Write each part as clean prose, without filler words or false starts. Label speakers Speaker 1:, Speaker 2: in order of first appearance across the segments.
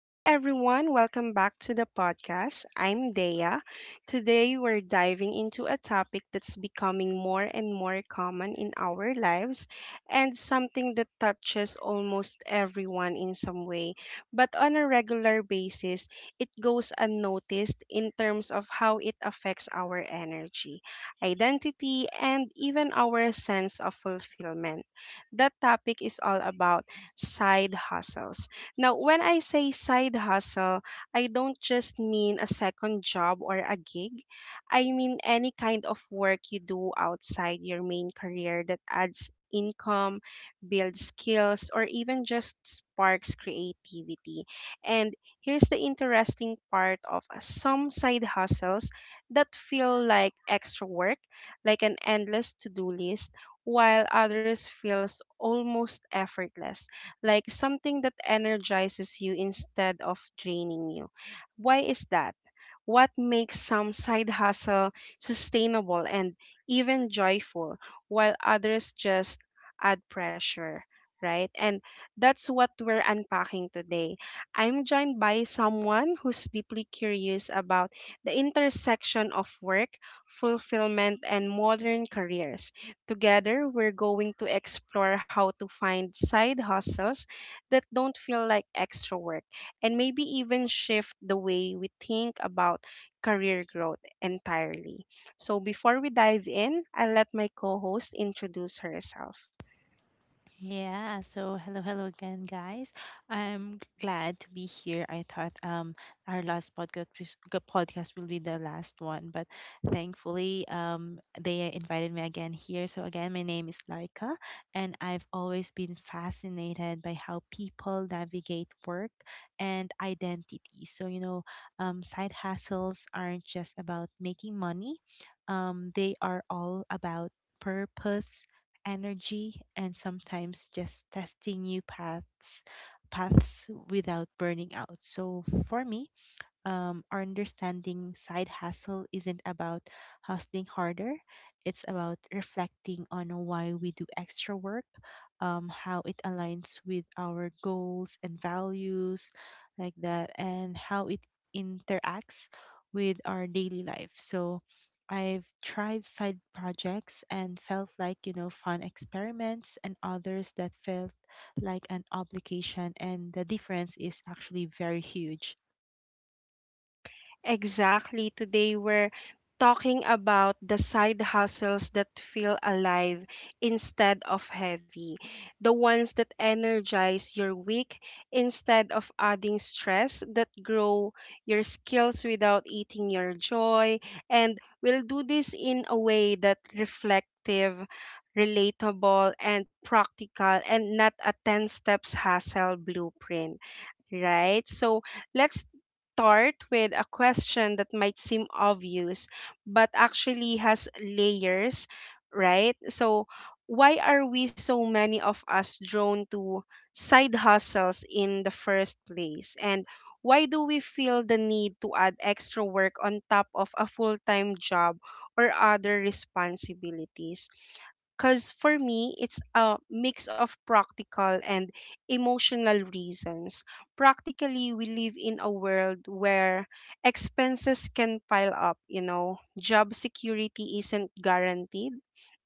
Speaker 1: Hi everyone, welcome back to the podcast. I'm Dea. Today we're diving into a topic that's becoming more and more common in our lives and something that touches almost everyone in some way. But on a regular basis, it goes unnoticed in terms of how it affects our energy, identity, and even our sense of fulfillment. That topic is all about side hustles. Now, when I say side hustle, I don't just mean a second job or a gig. I mean any kind of work you do outside your main career that adds income, builds skills, or even just sparks creativity. And here's the interesting part of some side hustles that feel like extra work, like an endless to do list, while others feels almost effortless, like something that energizes you instead of draining you. Why is that? What makes some side hustle sustainable and even joyful while others just add pressure? Right? And that's what we're unpacking today. I'm joined by someone who's deeply curious about the intersection of work, fulfillment, and modern careers. Together, we're going to explore how to find side hustles that don't feel like extra work and maybe even shift the way we think about career growth entirely. So, before we dive in, I'll let my co host introduce herself.
Speaker 2: Yeah, so hello, hello again, guys. I'm glad to be here. I thought our last podcast will be the last one, but thankfully they invited me again here. So again, my name is Laika, and I've always been fascinated by how people navigate work and identity. So you know, side hustles aren't just about making money. They are all about purpose, energy, and sometimes just testing new paths without burning out. So for me, or understanding side hustle isn't about hustling harder. It's about reflecting on why we do extra work, how it aligns with our goals and values, like that, and how it interacts with our daily life. So I've tried side projects and felt like, you know, fun experiments, and others that felt like an obligation, and the difference is actually very huge.
Speaker 1: Exactly. Today we're talking about the side hustles that feel alive instead of heavy, the ones that energize your week instead of adding stress, that grow your skills without eating your joy. And we'll do this in a way that reflective, relatable, and practical, and not a 10 steps hustle blueprint, right? So let's start with a question that might seem obvious, but actually has layers, right? So, why are we so many of us drawn to side hustles in the first place? And why do we feel the need to add extra work on top of a full time job or other responsibilities? Because for me it's a mix of practical and emotional reasons. Practically, we live in a world where expenses can pile up, you know, job security isn't guaranteed,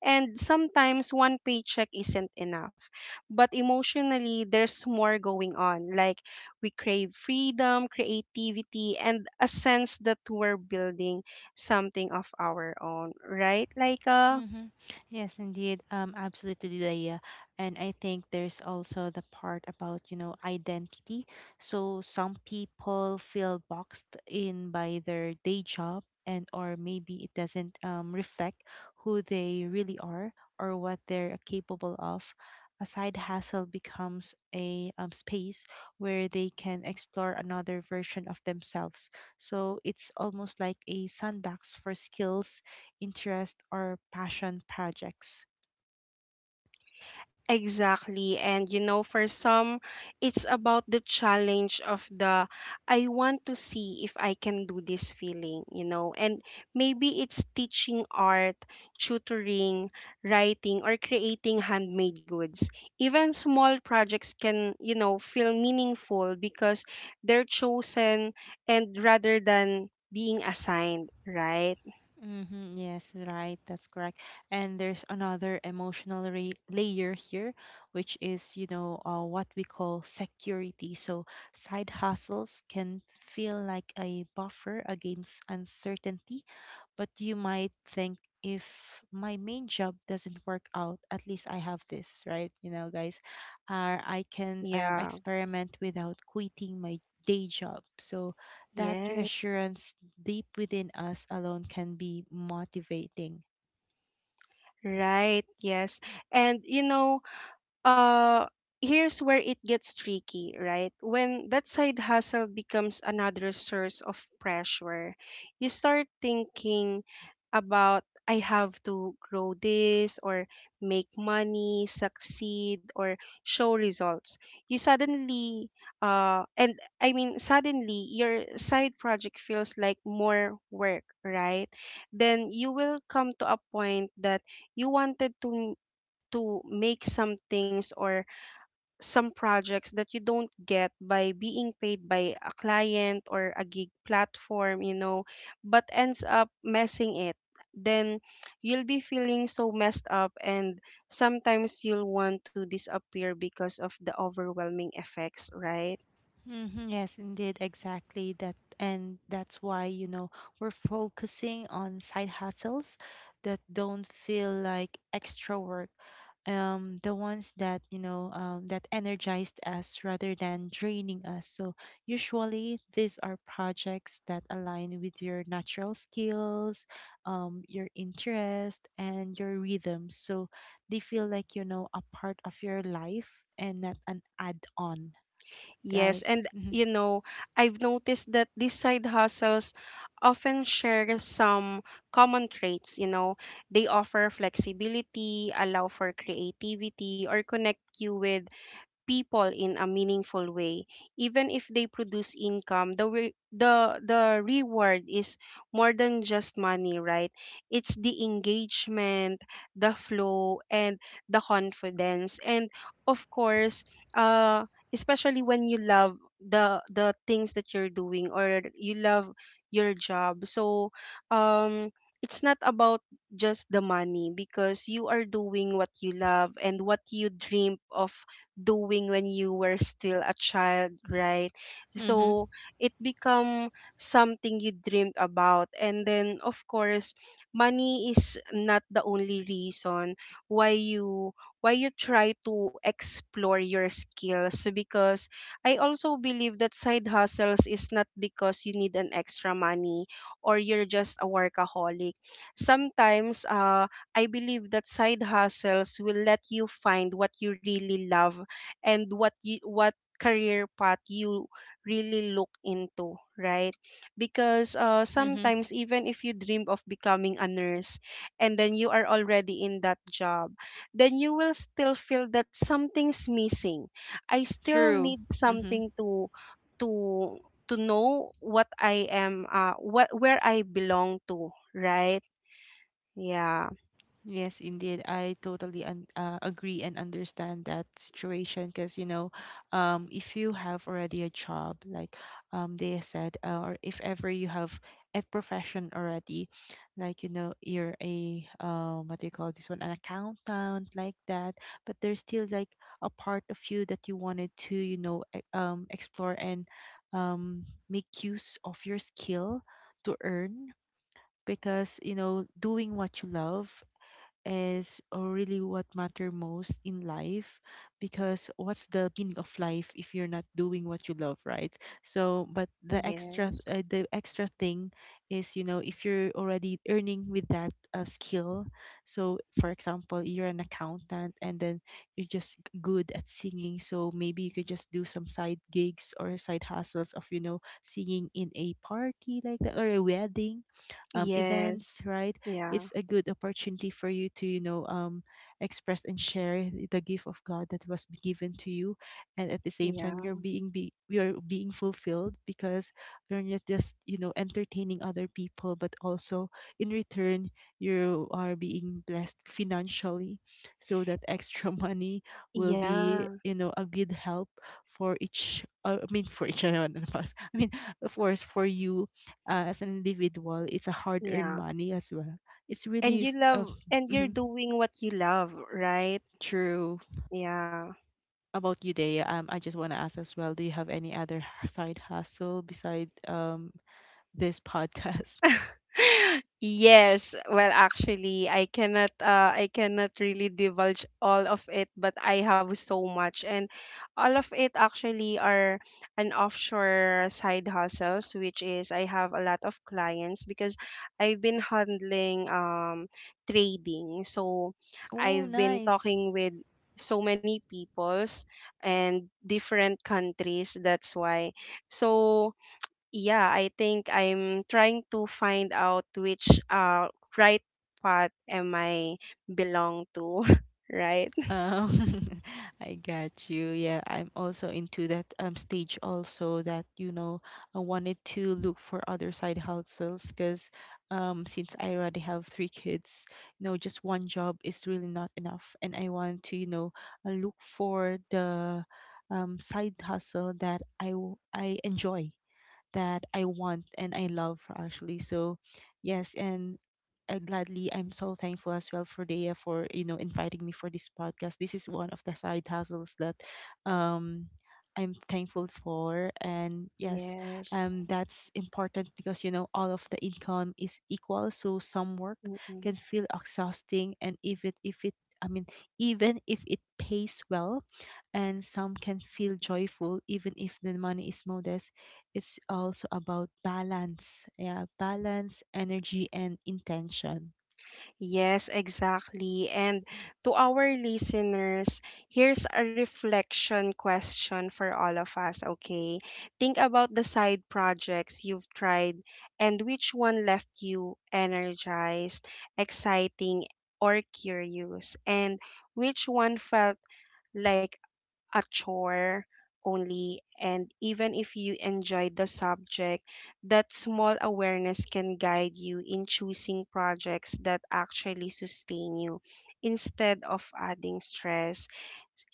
Speaker 1: and sometimes one paycheck isn't enough. But emotionally, there's more going on. Like, we crave freedom, creativity, and a sense that we're building something of our own, right? Like,
Speaker 2: Mm-hmm. Yes, indeed. Absolutely, Leia. And I think there's also the part about, you know, identity. So some people feel boxed in by their day job, and or maybe it doesn't reflect who they really are or what they're capable of. A side hustle becomes a space where they can explore another version of themselves. So it's almost like a sandbox for skills, interest, or passion projects.
Speaker 1: exactly. And you know, for some, it's about the challenge of the I want to see if I can do this feeling, you know. And maybe it's teaching art, tutoring, writing, or creating handmade goods. Even small projects can, you know, feel meaningful because they're chosen and rather than being assigned, right?
Speaker 2: Mm-hmm, yes, right, that's correct. And there's another emotional layer here, which is, you know, what we call security. So side hustles can feel like a buffer against uncertainty. But you might think, if my main job doesn't work out, at least I have this, right? You know, guys, or I can
Speaker 1: Yeah.
Speaker 2: experiment without quitting my day job. So that
Speaker 1: Yes.
Speaker 2: reassurance deep within us alone can be motivating.
Speaker 1: Right. Yes. And you know, uh here's where it gets tricky, right? When that side hustle becomes another source of pressure, you start thinking about I have to grow this or make money, succeed, or show results. You suddenly, and I mean suddenly, your side project feels like more work, right? Then you will come to a point that you wanted to make some things or some projects that you don't get by being paid by a client or a gig platform, you know, but ends up messing it. Then you'll be feeling so messed up, and sometimes you'll want to disappear because of the overwhelming effects, right?
Speaker 2: Yes, indeed, exactly that, and that's why, you know, we're focusing on side hustles that don't feel like extra work. The ones that, you know, that energized us rather than draining us. So usually these are projects that align with your natural skills, your interest, and your rhythm. So they feel like, you know, a part of your life and not an add-on,
Speaker 1: Yes,
Speaker 2: right?
Speaker 1: and
Speaker 2: Mm-hmm.
Speaker 1: you know, I've noticed that these side hustles often share some common traits, you know. They offer flexibility, allow for creativity, or connect you with people in a meaningful way. Even if they produce income, the re- the reward is more than just money, right? It's the engagement, the flow, and the confidence. And of course, uh especially when you love the things that you're doing or you love your job. So um it's not about just the money because you are doing what you love and what you dream of doing when you were still a child, right?
Speaker 2: Mhm.
Speaker 1: So it become something you dreamed about, and then of course money is not the only reason why you, why you try to explore your skills. Because I also believe that side hustles is not because you need an extra money or you're just a workaholic. Sometimes, I believe that side hustles will let you find what you really love and what you, what career path you really look into, right? Because
Speaker 2: Mhm.
Speaker 1: sometimes even if you dream of becoming a nurse and then you are already in that job, then you will still feel that something's missing. I still
Speaker 2: True.
Speaker 1: need
Speaker 2: Mhm.
Speaker 1: something to to know what I am, what, where I belong to, right? Yeah.
Speaker 2: Yes, indeed. I totally agree and understand that situation, because you know, if you have already a job, like, they said, or if ever you have a profession already, like, you know, you're a, what do you call this one, an accountant, like that. But there's still like a part of you that you wanted to, you know, explore and make use of your skill to earn, because you know, doing what you love is really what matter most in life, because what's the meaning of life if you're not doing what you love, right? So, but the
Speaker 1: Yeah.
Speaker 2: extra, the extra thing is, you know, if you're already earning with that skill. So for example, you're an accountant, and then you're just good at singing, so maybe you could just do some side gigs or side hustles of, you know, singing in a party like that, or a wedding, events,
Speaker 1: Yes.
Speaker 2: right?
Speaker 1: Yeah.
Speaker 2: It's a good opportunity for you to, you know, express and share the gift of God that was given to you, and at the same time
Speaker 1: Yeah.
Speaker 2: you're being be you're being fulfilled, because you're not just, you know, entertaining other people, but also in return you are being blessed financially. So that extra money will
Speaker 1: Yeah.
Speaker 2: be, you know, a good help for each, I mean for each and one of us, I mean, of course for you, as an individual, it's a hard earned
Speaker 1: Yeah.
Speaker 2: money as well. It's really
Speaker 1: And you love and you're
Speaker 2: mhm,
Speaker 1: doing what you love, right?
Speaker 2: true
Speaker 1: Yeah.
Speaker 2: about you, Dea. I just want to ask as well, do you have any other side hustle beside this podcast?
Speaker 1: Yes, well, actually, I cannot really divulge all of it, but I have so much, and all of it actually are an offshore side hustles, which is I have a lot of clients because I've been handling trading. So
Speaker 2: Oh
Speaker 1: I've been
Speaker 2: nice.
Speaker 1: talking with so many peoples and different countries. That's why, so yeah, I think I'm trying to find out which right path am I belong to, right?
Speaker 2: Um, I got you. Yeah, I'm also into that stage also, that, you know, I wanted to look for other side hustles because, since I already have three kids, you know, just one job is really not enough, and I want to, you know, look for the side hustle that I I enjoy, that I want, and I love actually. So, yes, and I gladly, I'm so thankful as well for Dea, for, you know, inviting me for this podcast. This is one of the side hustles that um I'm thankful for, and yes,
Speaker 1: Yes.
Speaker 2: that's important because, you know, all of the income is equal. So some work can feel exhausting, and if it I mean, even if it pays well, and some can feel joyful even if the money is modest. It's also about balance. Yeah, balance, energy, and intention.
Speaker 1: Yes, exactly. And to our listeners, here's a reflection question for all of us, okay? Think about the side projects you've tried and which one left you energized, exciting, or curious, and which one felt like a chore only. And even if you enjoy the subject, that small awareness can guide you in choosing projects that actually sustain you instead of adding stress.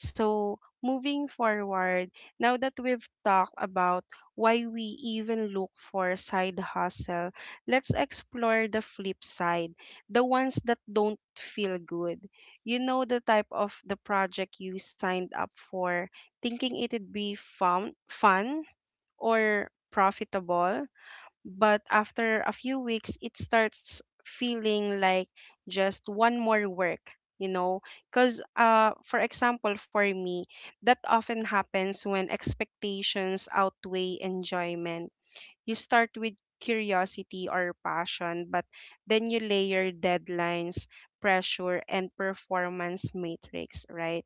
Speaker 1: So, moving forward, now that we've talked about why we even look for side hustle, let's explore the flip side, the ones that don't feel good. You know the type of the project you signed up for, thinking it'd be fun, fun or profitable, but after a few weeks, it starts feeling like just one more work, you know? Because, for example, for me, that often happens when expectations outweigh enjoyment. You start with curiosity or passion, but then you layer deadlines, pressure, and performance matrix, right?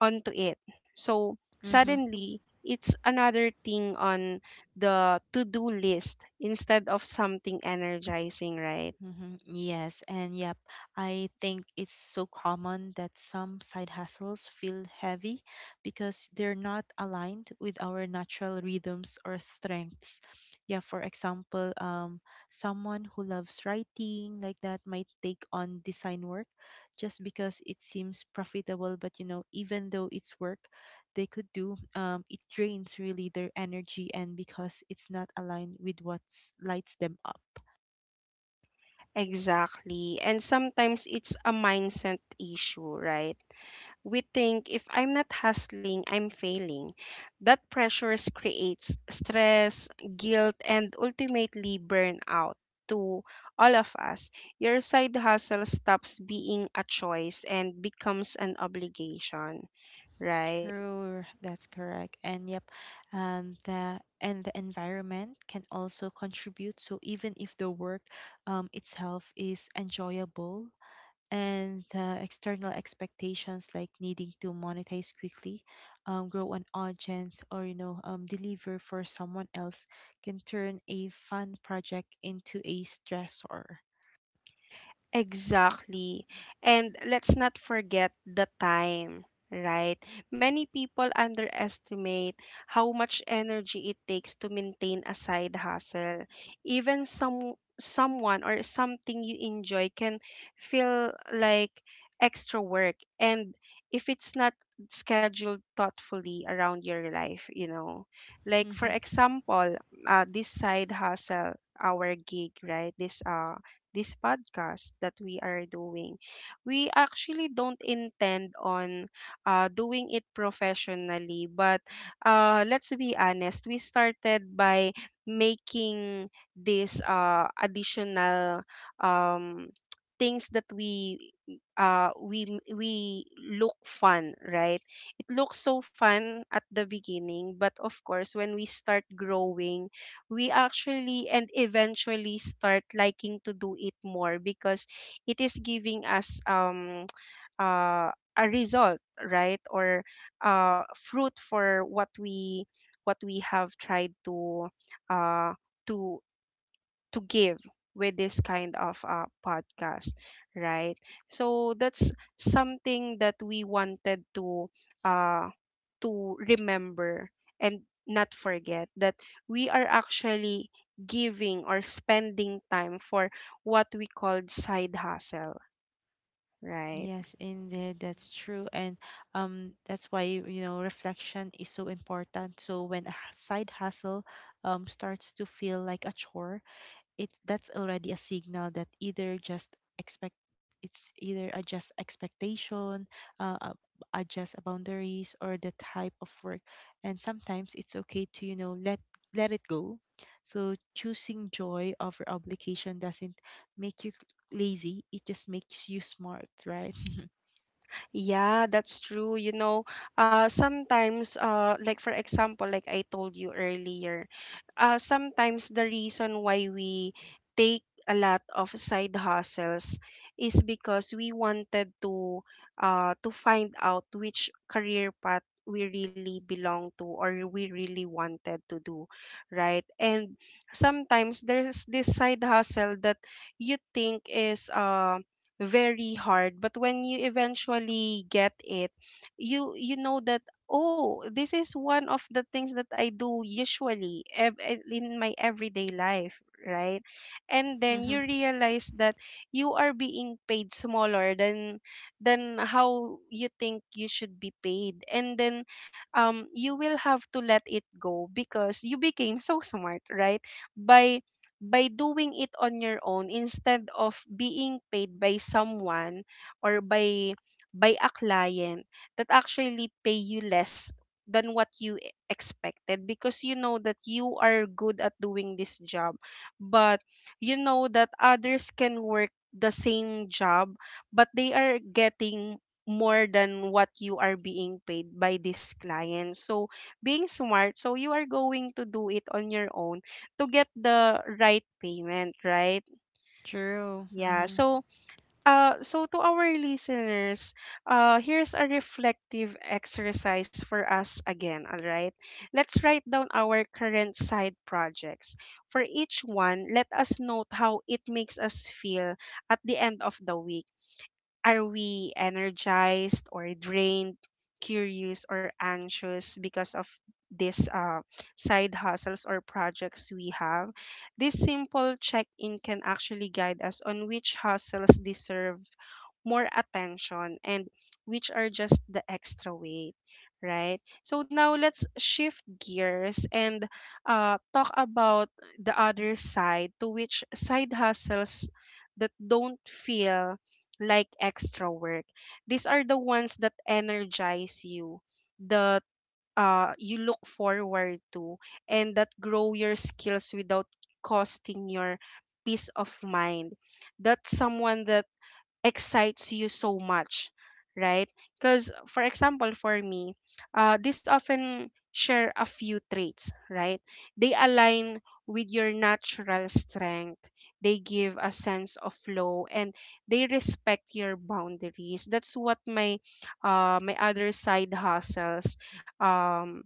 Speaker 1: Onto it. So
Speaker 2: hmm
Speaker 1: suddenly, it's another thing on the to do list instead of something energizing, right?
Speaker 2: Yes, and yep, I think it's so common that some side hustles feel heavy because they're not aligned with our natural rhythms or strengths. Yeah, for example, someone who loves writing like that might take on design work just because it seems profitable, but you know, even though it's work they could do, it drains really their energy, and because it's not aligned with what lights them up.
Speaker 1: Exactly. And sometimes it's a mindset issue, right? We think if I'm not hustling, I'm failing. That pressure creates stress, guilt, and ultimately burnout to all of us. Your side hustle stops being a choice and becomes an obligation, right?
Speaker 2: True, that's correct. And yep, the environment can also contribute. So even if the work itself is enjoyable, and the external expectations, like needing to monetize quickly, grow an audience, or you know, deliver for someone else, can turn a fun project into a stressor.
Speaker 1: Exactly. And let's not forget the time, right? Many people underestimate how much energy it takes to maintain a side hustle. Even someone or something you enjoy can feel like extra work and if it's not scheduled thoughtfully around your life, you know. Like for example, this side hustle, our gig, right? This this podcast that we are doing. We actually don't intend on doing it professionally, but let's be honest, we started by making this additional, um, things that we look fun, right? It looks so fun at the beginning, but of course when we start growing, we actually and eventually start liking to do it more because it is giving us, uh, a result, right? Or fruit for what we have tried uh to to give with this kind of podcast, right? So that's something that we wanted uh to remember and not forget that we are actually giving or spending time for what we called side hustle, right?
Speaker 2: Yes, indeed, that's true. And that's why, you know, reflection is so important. So when a side hustle starts to feel like a chore, it that's already a signal that either just expect it's either adjust expectation, uh, uh, adjust boundaries, or the type of work. And sometimes it's okay to, you know, let it go. So choosing joy over obligation doesn't make you lazy, it just makes you smart, right?
Speaker 1: Yeah, that's true, you know. Sometimes, like for example, like I told you earlier, sometimes the reason why we take a lot of side hustles is because we wanted to find out which career path we really belong to or we really wanted to do, right? And sometimes there's this side hustle that you think is very hard, but when you eventually get it, you know that oh, this is one of the things that I do usually in my everyday life, right? And then
Speaker 2: Mm-hmm.
Speaker 1: you realize that you are being paid smaller than how you think you should be paid. And then you will have to let it go because you became so smart, right? By by doing it on your own instead of being paid by someone or by a client that actually pay you less than what you expected, because you know that you are good at doing this job, but you know that others can work the same job but they are getting more than what you are being paid by this client. So being smart, so you are going to do it on your own to get the right payment, right?
Speaker 2: True.
Speaker 1: Yeah.
Speaker 2: Mm-hmm.
Speaker 1: So, so to our listeners, here's a reflective exercise for us again, all right? Let's write down our current side projects. For each one, let us note how it makes us feel at the end of the week. Are we energized or drained, curious or anxious because of these side hustles or projects we have? This simple check in can actually guide us on which hustles deserve more attention and which are just the extra weight, right? So now let's shift gears and talk about the other side to which side hustles that don't feel like extra work. These are the ones that energize you, that you look forward to, and that grow your skills without costing your peace of mind. That's someone that excites you so much, right? Because for example for me, this often share a few traits, right? They align with your natural strength, they give a sense of flow and they respect your boundaries. That's what my my other side hustles um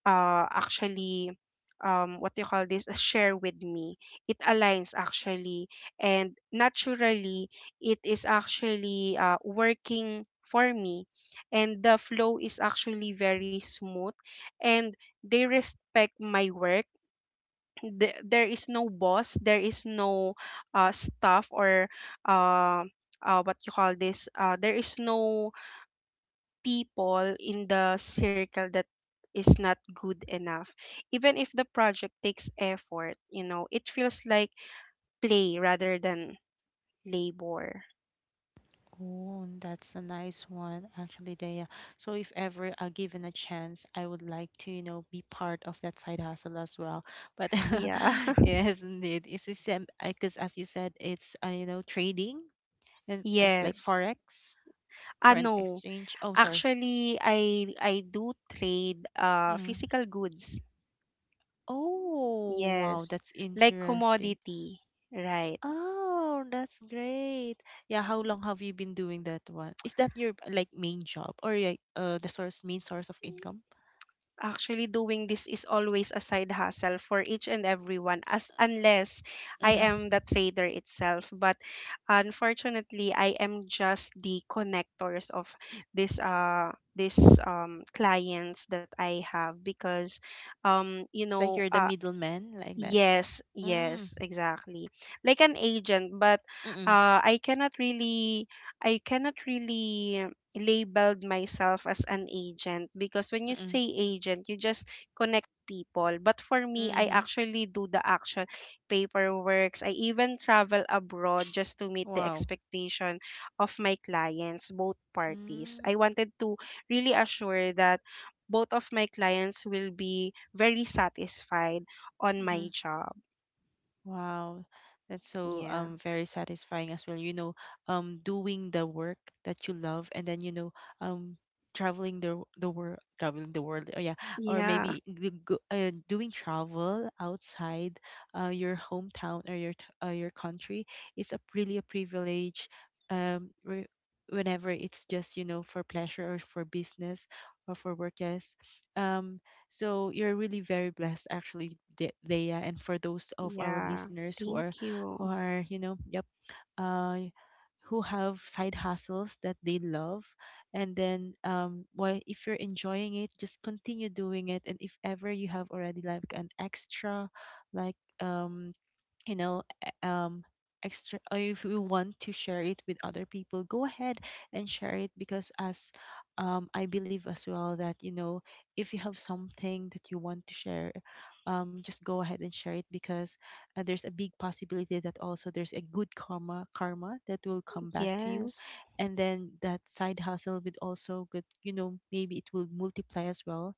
Speaker 1: actually, what do you call this, share with me. It aligns actually and naturally, it is actually working for me and the flow is actually very smooth, and they respect my work. There is no boss, there is no staff or uh, what you call this, there is no people in the circle that is not good enough. Even if the project takes effort, you know it feels like play rather than labor.
Speaker 2: Oh, and that's a nice one, actually, Daya. So if ever are given a chance, I would like to, you know, be part of that side hustle as well. But
Speaker 1: Yeah.
Speaker 2: yes, indeed, it's because as you said, it's, you know, trading, and it's like
Speaker 1: Yes.
Speaker 2: forex,
Speaker 1: Ah
Speaker 2: foreign
Speaker 1: no,
Speaker 2: exchange. Oh, sorry.
Speaker 1: actually I do trade
Speaker 2: Mm.
Speaker 1: physical goods.
Speaker 2: Oh, wow,
Speaker 1: Yes,
Speaker 2: that's
Speaker 1: like
Speaker 2: interesting.
Speaker 1: commodity, right?
Speaker 2: Oh, that's great. Yeah, how long have you been doing that one? Is that your, like, main job, or like the source main source of income?
Speaker 1: Actually, doing this is always a side hustle for each and everyone, as unless I
Speaker 2: Mm-hmm.
Speaker 1: am the trader itself. But unfortunately, I am just the connectors of this clients that I have because you
Speaker 2: It's like
Speaker 1: know,
Speaker 2: you're the middleman, like that.
Speaker 1: yes,
Speaker 2: Mm.
Speaker 1: yes, exactly. Like an agent, but
Speaker 2: Mm.
Speaker 1: uh, I cannot really, I cannot really labeled myself as an agent because when
Speaker 2: Mm.
Speaker 1: you say
Speaker 2: Mm.
Speaker 1: agent, you just connect people. But for me, I
Speaker 2: Mhm.
Speaker 1: actually do the actual paperwork. I even travel abroad just to meet the
Speaker 2: Wow.
Speaker 1: expectation of my clients, both parties.
Speaker 2: Mm.
Speaker 1: I wanted to really assure that both of my clients will be very satisfied on my
Speaker 2: Mhm.
Speaker 1: job.
Speaker 2: Wow, that's so
Speaker 1: Yeah.
Speaker 2: very satisfying as well. You know, doing the work that you love, and then, you know, um traveling the world, traveling the world. Oh yeah, or
Speaker 1: Yeah.
Speaker 2: maybe the doing travel outside your hometown, or your your country, is a really a privilege. um re- Whenever it's just, you know, for pleasure or for business or for work, yes. um so you're really very blessed, actually, Dea. And for those of our
Speaker 1: Yeah.
Speaker 2: listeners
Speaker 1: Thank
Speaker 2: who
Speaker 1: you.
Speaker 2: are, you know, yep, uh, who have side hustles that they love, and then, why, if you're enjoying it, just continue doing it. And if ever you have already like an extra, like, um you know, extra, or if you want to share it with other people, go ahead and share it, because as, I believe as well that, you know, if you have something that you want to share, just go ahead and share it, because there's a big possibility that also there's a good karma that will come back to you,
Speaker 1: Yes.
Speaker 2: and then that side hustle would also good, you know, maybe it will multiply as well,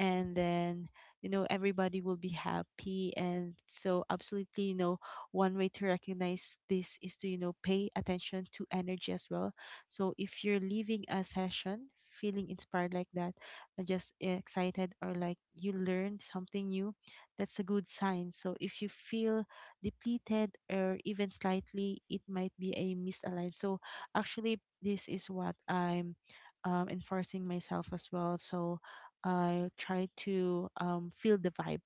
Speaker 2: and then, you know, everybody will be happy. And so absolutely, you know, one way to recognize this is to, you know, pay attention to energy as well. So if you're leaving a session feeling inspired, like that, just excited, or like you learned something new, that's a good sign. So if you feel depleted or even slightly, it might be a misaligned. So actually, this is what I'm enforcing myself as well. So I try to feel the vibe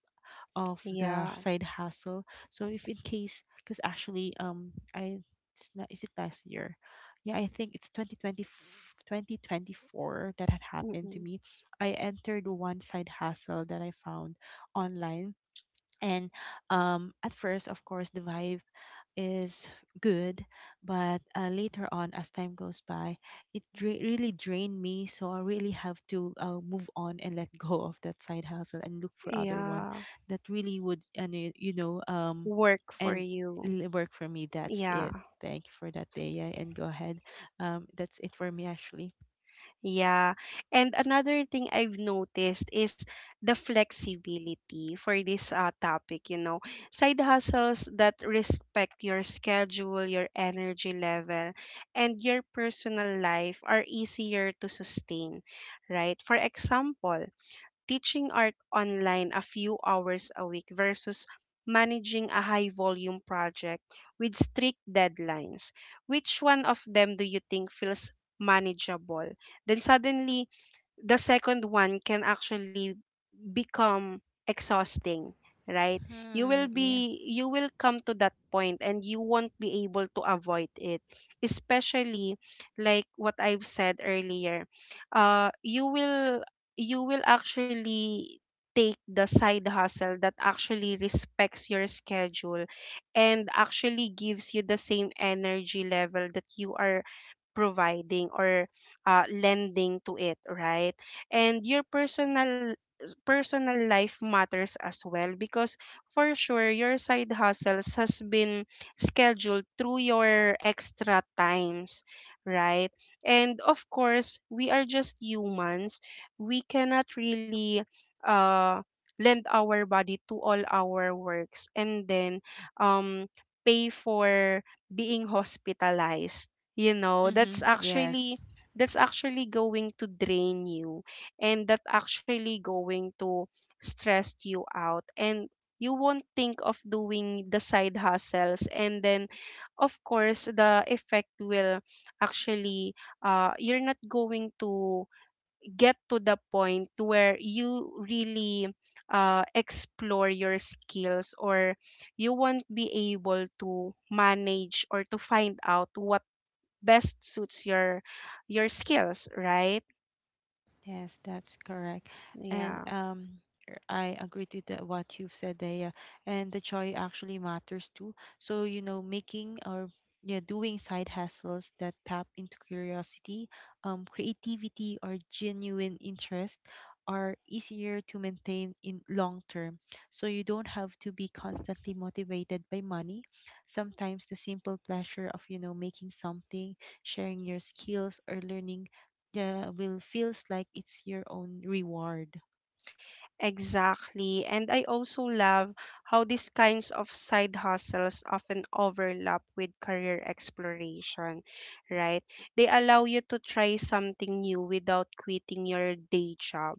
Speaker 2: of the
Speaker 1: Yeah.
Speaker 2: side hustle. So if in case, because actually, I it's not, is it last year? Yeah, I think it's 2024 that had happened to
Speaker 1: Mm-mm.
Speaker 2: me. I entered one side hustle that I found online and at first of course the vibe is good but later on as time goes by really drained me. So I really have to move on and let go of that side hustle and look for other one
Speaker 1: Yeah.
Speaker 2: that really would. And
Speaker 1: Work for
Speaker 2: and
Speaker 1: you.
Speaker 2: work for me, that's
Speaker 1: Yeah.
Speaker 2: it. Thank you for that day, yeah, and go ahead. That's it for me actually.
Speaker 1: Yeah. And another thing I've noticed is the flexibility for this topic, you know. Side hustles that respect your schedule, your energy level, and your personal life are easier to sustain, right? For example, teaching art online a few hours a week versus managing a high volume project with strict deadlines? Which one of them do you think feels manageable? Then suddenly, the second one can actually become exhausting, right? You will
Speaker 2: Hmm, yeah.
Speaker 1: be, you will come to that point and you won't be able to avoid it, especially like what I've said earlier. You will, you will actually take the side hustle that actually respects your schedule and actually gives you the same energy level that you are providing or lending to it, right? And your personal life matters as well because for sure your side hustles has been scheduled through your extra times, right? And of course we are just humans, we cannot really uh lend our body to all our works and then um pay for being hospitalized. You know that's
Speaker 2: Mm-hmm, yes.
Speaker 1: actually, that's actually going to drain you and that actually going to stress you out and you won't think of doing the side hustles. And then of course the effect will actually, you're not going to get to the point where you really explore your skills, or you won't be able to manage or to find out what best suits your skills, right?
Speaker 2: Yes, that's correct. And
Speaker 1: Yeah.
Speaker 2: I agree to what you've said, Daya. And the joy actually matters too. So, making or yeah, doing side hustles that tap into curiosity, creativity, or genuine interest are easier to maintain in long term. So you don't have to be constantly motivated by money. Sometimes the simple pleasure of, making something, sharing your skills, or learning yeah will feels like it's your own reward.
Speaker 1: Exactly. And I also love how these kinds of side hustles often overlap with career exploration, right? They allow you to try something new without quitting your day job,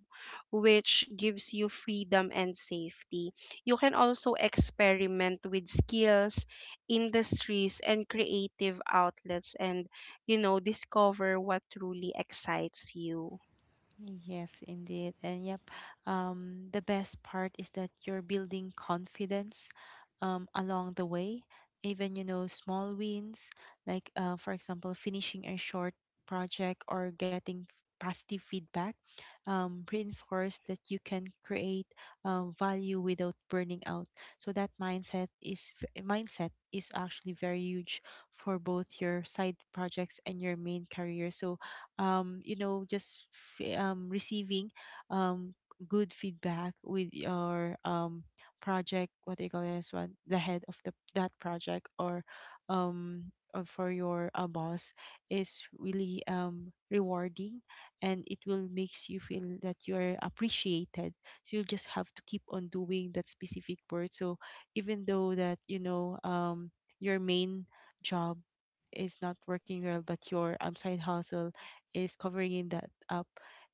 Speaker 1: which gives you freedom and safety. You can also experiment with skills, industries, and creative outlets and, you know, discover what truly excites you.
Speaker 2: Yes, indeed. And yep, the best part is that you're building confidence along the way. Even, small wins, like, for example, finishing a short project or getting positive feedback, reinforce that you can create value without burning out. So that mindset is actually very huge for both your side projects and your main career. So just receiving um, good feedback with your project, what do you call this one, the head of the that project or um, for your boss is really rewarding, and it will makes you feel that you are appreciated, so you just have to keep on doing that specific work. So even though that your main job is not working well, but your side hustle is covering in that up,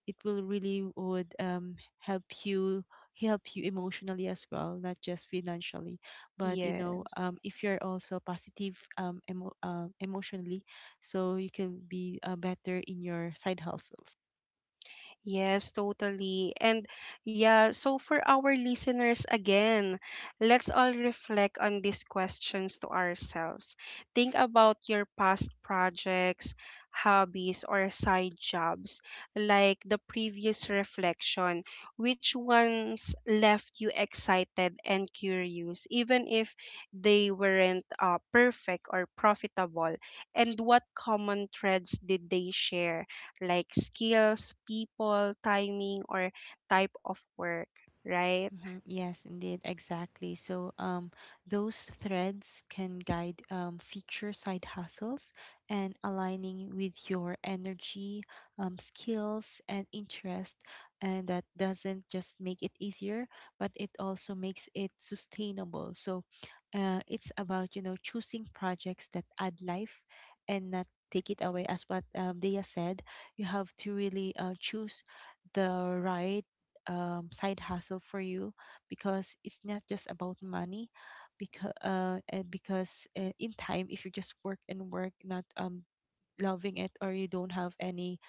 Speaker 2: it will really would help you emotionally as well, not just financially. But
Speaker 1: Yes.
Speaker 2: if you're also positive emotionally, so you can be better in your side hustles.
Speaker 1: Yes, totally. And yeah, so for our listeners again, let's all reflect on these questions to ourselves. Think about your past projects, hobbies, or side jobs, like the previous reflection. Which ones left you excited and curious, even if they weren't perfect or profitable? And what common threads did they share? Like skills, people, timing, or type of work, right?
Speaker 2: Mhm. Yes, indeed, exactly. So, those threads can guide future side hustles and aligning with your energy, skills, and interest. And that doesn't just make it easier, but it also makes it sustainable. So, it's about choosing projects that add life and not take it away. As what Dea said, you have to really choose the right side hustle for you, because it's not just about money. Because and because in time if you just work and work, not loving it, or you don't have any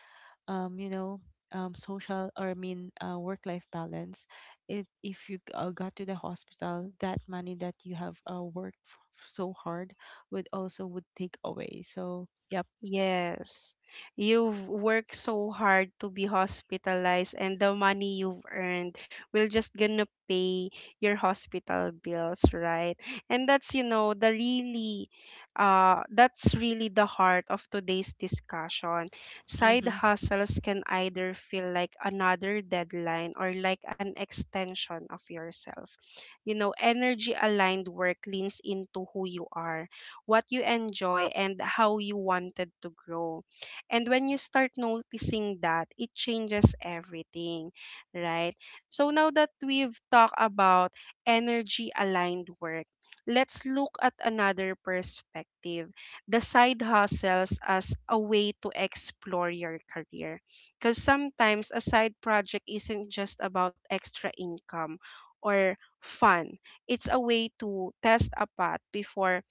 Speaker 2: um you know social, or I mean work life balance, it if you got to the hospital, that money that you have worked so hard would also would take away. So yep.
Speaker 1: Yes. You've worked so hard to be hospitalized and the money you've earned will just gonna pay your hospital bills, right? And that's, you know, the really that's really the heart of today's discussion. Side
Speaker 2: Mhm.
Speaker 1: hustles can either feel like another deadline or like an extension of yourself. You know, energy aligned work leans into who you are, what you enjoy, and how you wanted to grow. And when you start noticing that, it changes everything, right? So now that we've talked about energy aligned work, let's look at another perspective, the side hustles as a way to explore your career. Because sometimes a side project isn't just about extra income or fun, it's a way to test a path before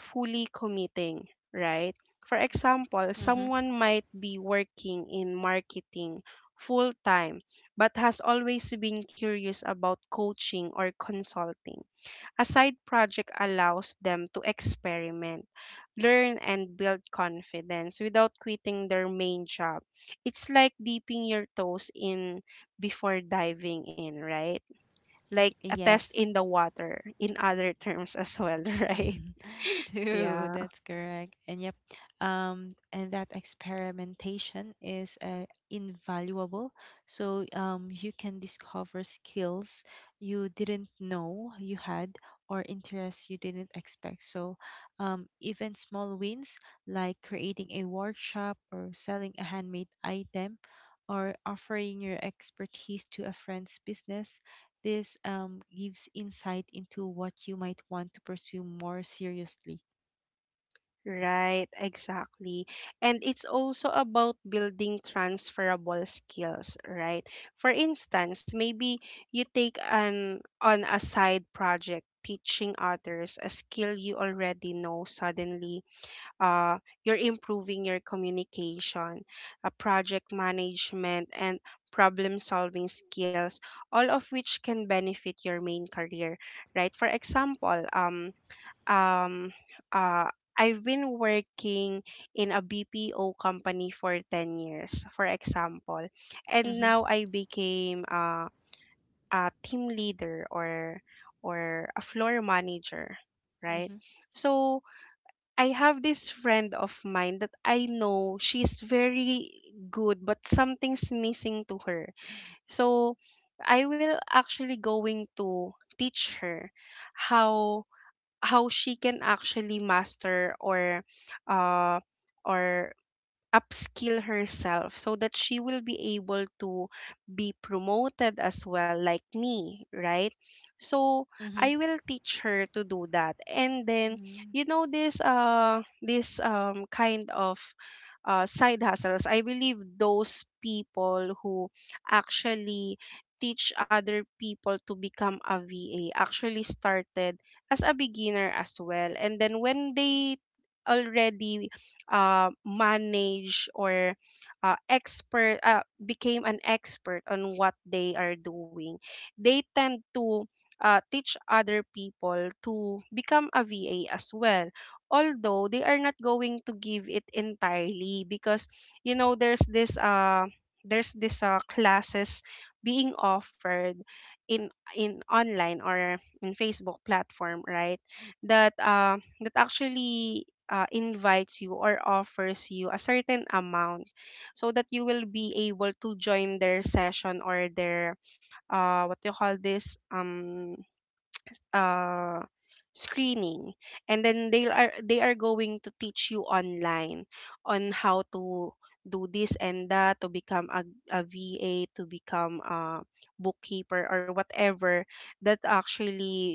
Speaker 1: fully committing, right? For example,
Speaker 2: Mhm.
Speaker 1: someone might be working in marketing full time but has always been curious about coaching or consulting. A side project allows them to experiment, learn, and build confidence without quitting their main job. It's like dipping your toes in before diving in, right? Like
Speaker 2: Y-
Speaker 1: a test
Speaker 2: yes.
Speaker 1: in the water, in other terms as well, right?
Speaker 2: True,
Speaker 1: Yeah.
Speaker 2: that's correct. And yep, and that experimentation is invaluable. So you can discover skills you didn't know you had, or interests you didn't expect. So even small wins, like creating a workshop or selling a handmade item or offering your expertise to a friend's business, this gives insight into what you might want to pursue more seriously.
Speaker 1: Right, exactly. And it's also about building transferable skills, right? For instance, maybe you take an on a side project teaching others a skill you already know. Suddenly, uh, you're improving your communication, project management and problem solving skills, all of which can benefit your main career, right? For example, um uh I've been working in a BPO company for 10 years, for example. And
Speaker 2: Mhm.
Speaker 1: now I became a team leader or a floor manager, right?
Speaker 2: Mhm.
Speaker 1: So I have this friend of mine that I know she's very good, but something's missing to her. So I will actually going to teach her how how she can actually master uh or upskill herself so that she will be able to be promoted as well like me, right? So
Speaker 2: Mhm.
Speaker 1: I will teach her to do that. And then,
Speaker 2: Mm.
Speaker 1: you know, this kind of side hustles, I believe those people who actually teach other people to become a va actually started as a beginner as well. And then when they already manage or expert became an expert on what they are doing, they tend to teach other people to become a VA as well, although they are not going to give it entirely because you know there's this classes being offered in in online or in Facebook platform, right? That that actually invites you or offers you a certain amount so that you will be able to join their session or their what do you call this, s- uh, screening. And then they are going to teach you online on how to do this and that to become a VA, to become a bookkeeper or whatever, that actually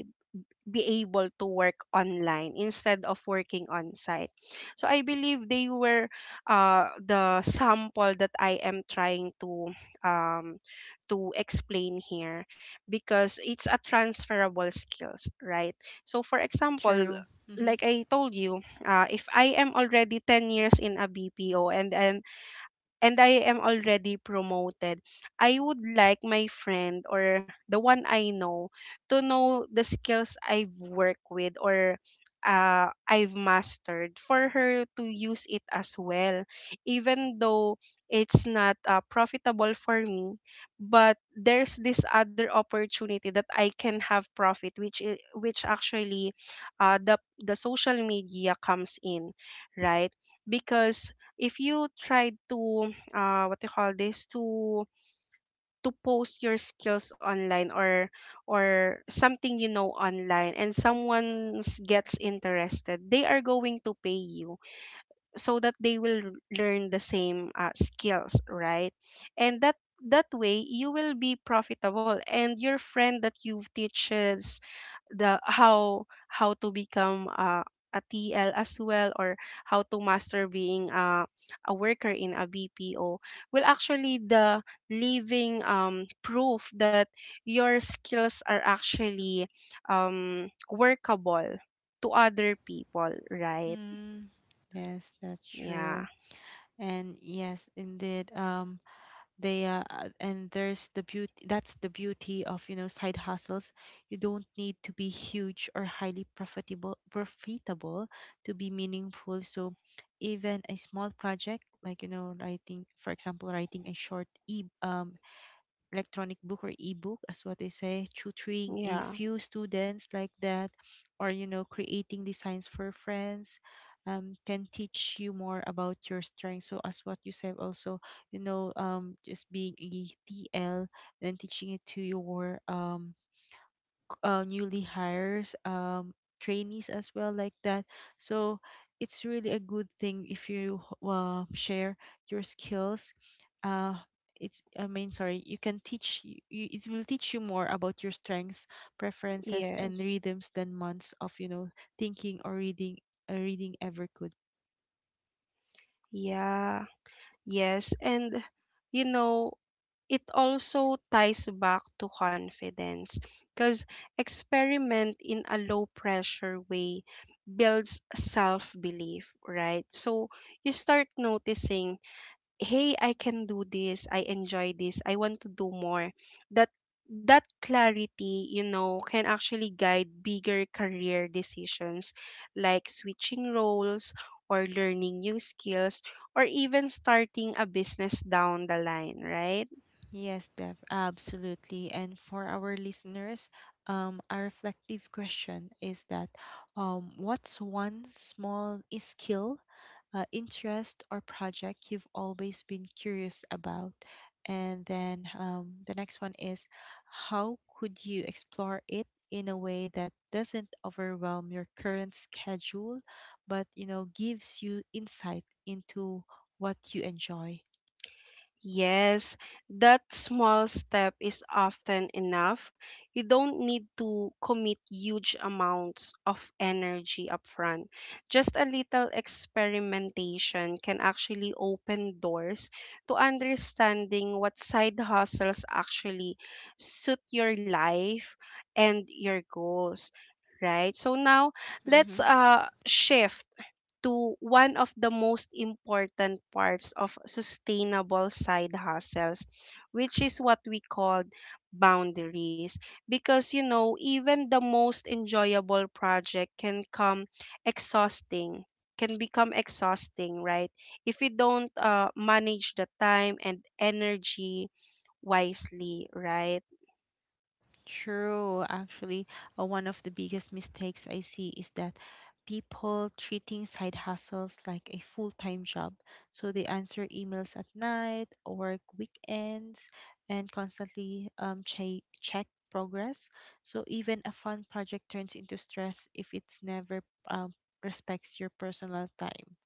Speaker 1: be able to work online instead of working on site. So I believe they were the sample that I am trying um, to explain here because it's a transferable skills, right? So for example,
Speaker 2: True. Mhm.
Speaker 1: like I told you, if I am already 10 years in a BPO and then and I am already promoted, I would like my friend or the one I know to know the skills I've worked with or I've mastered for her to use it as well. Even though it's not profitable for me, but there's this other opportunity that I can have profit, which actually the social media comes in, right? Because if you try to what they call this, to post your skills online or something, you know, online, and someone gets interested they are going to pay you so that they will learn the same skills, right? And that, that way you will be profitable and your friend that you've teaches the how to become a TL as well or how to master being a worker in a BPO will actually the living proof that your skills are actually workable to other people, right?
Speaker 2: Mm. Yes, that's
Speaker 1: Yeah.
Speaker 2: true. And yes, indeed, they and there's the beauty of, side hustles. You don't need to be huge or highly profitable to be meaningful. So even a small project, like, writing, for example, writing a short e electronic book, or ebook as what they say, tutoring a
Speaker 1: Yeah.
Speaker 2: few students like that, or creating designs for friends, can teach you more about your strength. So as what you said also, just being a T L and teaching it to your newly hires trainees as well like that. So it's really a good thing if you share your skills. uh it's, I mean, sorry, you can you, it will teach you more about your strengths, preferences, and
Speaker 1: Yes.
Speaker 2: rhythms than months of thinking or reading, reading ever could.
Speaker 1: Yeah. Yes. And you know it also ties back to confidence because experiment in a low pressure way builds self belief, right? So you start noticing, hey, I can do this, I enjoy this, I want to do more. That, that clarity, you know, can actually guide bigger career decisions like switching roles or learning new skills or even starting a business down the line, right?
Speaker 2: Yes, Dev, absolutely. And for our listeners, a reflective question is that what's one small skill, interest, or project you've always been curious about. And then the next one is how could you explore it in a way that doesn't overwhelm your current schedule, but gives you insight into what you enjoy.
Speaker 1: Yes, that small step is often enough. You don't need to commit huge amounts of energy upfront. Just a little experimentation can actually open doors to understanding what side hustles actually suit your life and your goals, right? So now let's shift to one of the most important parts of sustainable side hustles, which is what we call boundaries. Because, you know, even the most enjoyable project can come exhausting, can become exhausting, right? If we don't manage the time and energy wisely, right?
Speaker 2: True. Actually, one of the biggest mistakes I see is that people treating side hustles like a full-time job. So they answer emails at night, work weekends, and constantly check progress. So even a fun project turns into stress if it's never um, respects your personal time.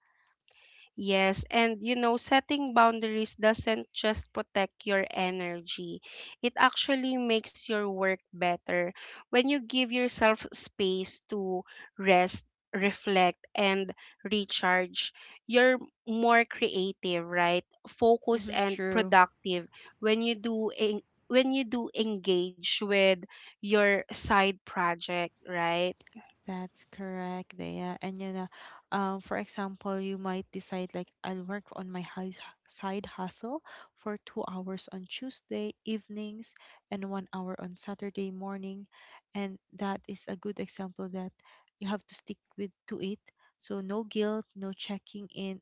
Speaker 1: Yes, and you know, setting boundaries doesn't just protect your energy. It actually makes your work better. When you give yourself space to rest, reflect, and recharge, you're more creative, right? Focused
Speaker 2: Mm-hmm,
Speaker 1: and
Speaker 2: true.
Speaker 1: productive when you do en- when you do engage with your side project, right?
Speaker 2: That's correct, Dea. And you know, for example, you might decide like, I'll work on my side hustle for 2 hours on Tuesday evenings and 1 hour on Saturday morning, and that is a good example that you have to stick with to it. So no guilt, no checking in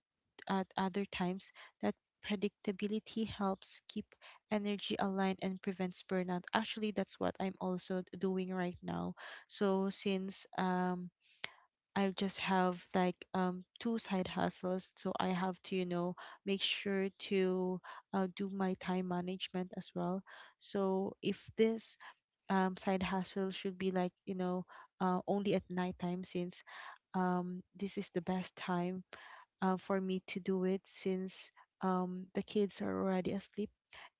Speaker 2: at other times. That predictability helps keep energy aligned and prevents burnout. Actually, that's what I'm also doing right now. So since I just have like two side hustles, so I have to, you know, make sure to do my time management as well. So if this side hustle should be like, you know, only at nighttime, since this is the best time for me to do it, since the kids are already asleep.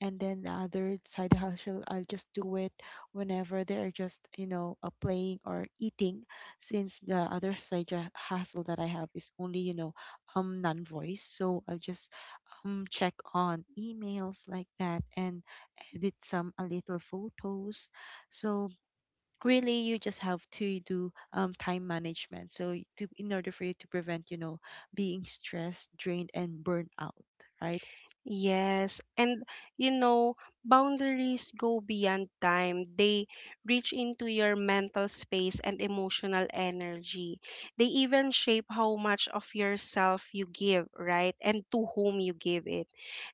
Speaker 2: And then the other side hustle, I'll just do it whenever they're just, you know, playing or eating, since the other hustle that I have is only, you know, non-voice. So I'll just check on emails like that and edit some a little photos. So really you just have to do time management. So to in order for you to prevent you know being stressed, drained, and burned out, right.
Speaker 1: Yes, and you know, boundaries go beyond time. They reach into your mental space and emotional energy. They even shape how much of yourself you give, right? And to whom you give it.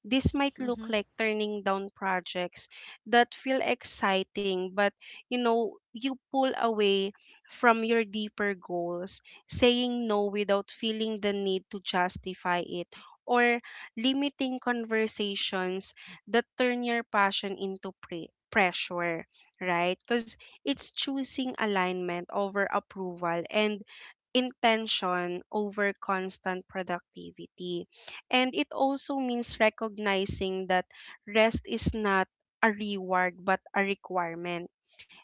Speaker 1: This might
Speaker 2: Mm-hmm.
Speaker 1: look like turning down projects that feel exciting, but you know, you pull away from your deeper goals, saying no without feeling the need to justify it. Or limiting conversations that turn your passion into pressure, right? Because it's choosing alignment over approval and intention over constant productivity. And it also means recognizing that rest is not a reward but a requirement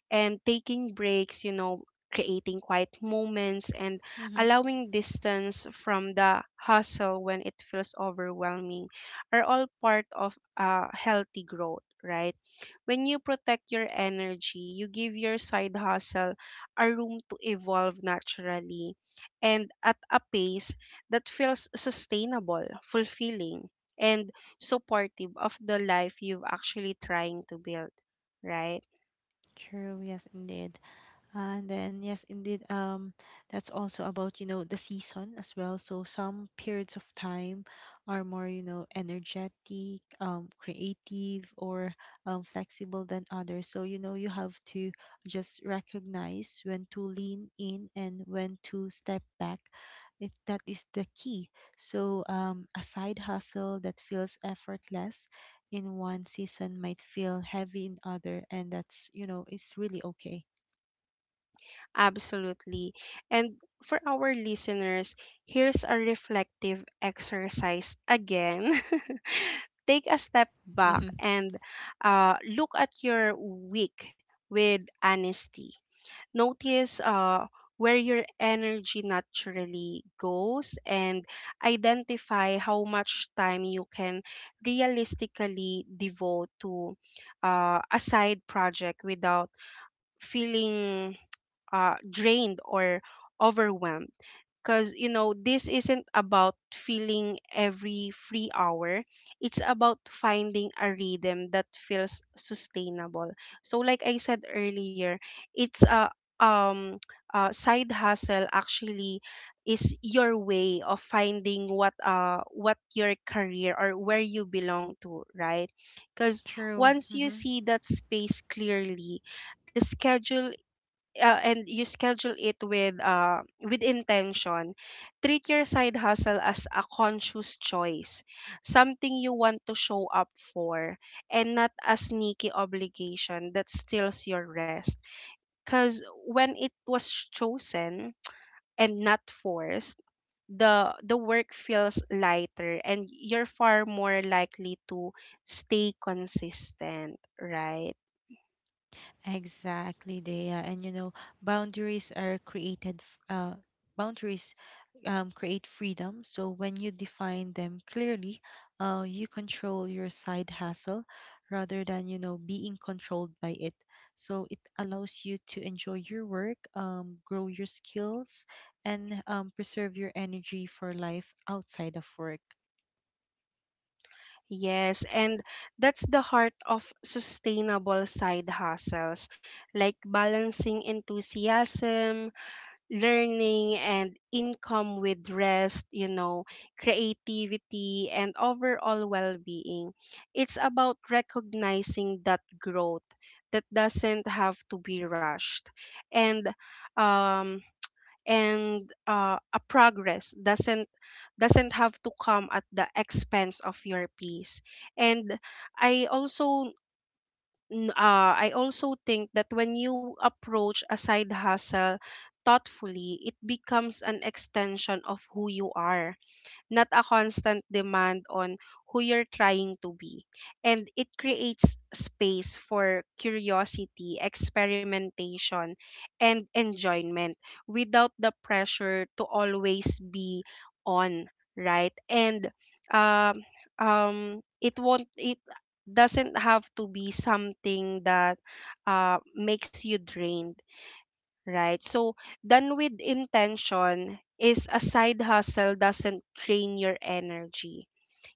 Speaker 1: and taking breaks, you know, creating quiet moments and
Speaker 2: Mm-hmm.
Speaker 1: allowing distance from the hustle when it feels overwhelming are all part of healthy growth, right? When you protect your energy, you give your side hustle a room to evolve naturally and at a pace that feels sustainable, fulfilling, and supportive of the life you've actually trying to build, right?
Speaker 2: True, yes, indeed. And then, yes, indeed, that's also about, the season as well. So some periods of time are more, energetic, creative, or flexible than others. So, you have to just recognize when to lean in and when to step back. It, that is the key. So, a side hustle that feels effortless in one season might feel heavy in other, and that's, it's really okay.
Speaker 1: Absolutely. And for our listeners, here's a reflective exercise again. Take a step back and look at your week with honesty. Notice where your energy naturally goes and identify how much time you can realistically devote to a side project without feeling drained or overwhelmed, because you know this isn't about feeling every free hour. It's about finding a rhythm that feels sustainable. So like I said earlier, it's a um side hustle actually is your way of finding what your career or where you belong to, right? Because
Speaker 2: True.
Speaker 1: once you
Speaker 2: Hmm.
Speaker 1: see that space clearly, the schedule and you schedule it with intention, treat your side hustle as a conscious choice, something you want to show up for and not a sneaky obligation that steals your rest. Because when it was chosen and not forced, the work feels lighter and you're far more likely to stay consistent, right?
Speaker 2: Exactly, Dea. And you know, boundaries are created, f- uh, boundaries create freedom. So when you define them clearly, you control your side hustle rather than, being controlled by it. So it allows you to enjoy your work, grow your skills, and preserve your energy for life outside of work.
Speaker 1: Yes, and that's the heart of sustainable side hustles, like balancing enthusiasm, learning, and income with rest, you know, creativity, and overall well being. It's about recognizing that growth that doesn't have to be rushed. And um, and A progress doesn't have to come at the expense of your peace. And I also I also think that when you approach a side hustle thoughtfully, it becomes an extension of who you are, not a constant demand on who you're trying to be. And it creates space for curiosity, experimentation, and enjoyment without the pressure to always be on, right? And um, it won't, it doesn't have to be something that makes you drained, right? So, done with intention is a side hustle doesn't drain your energy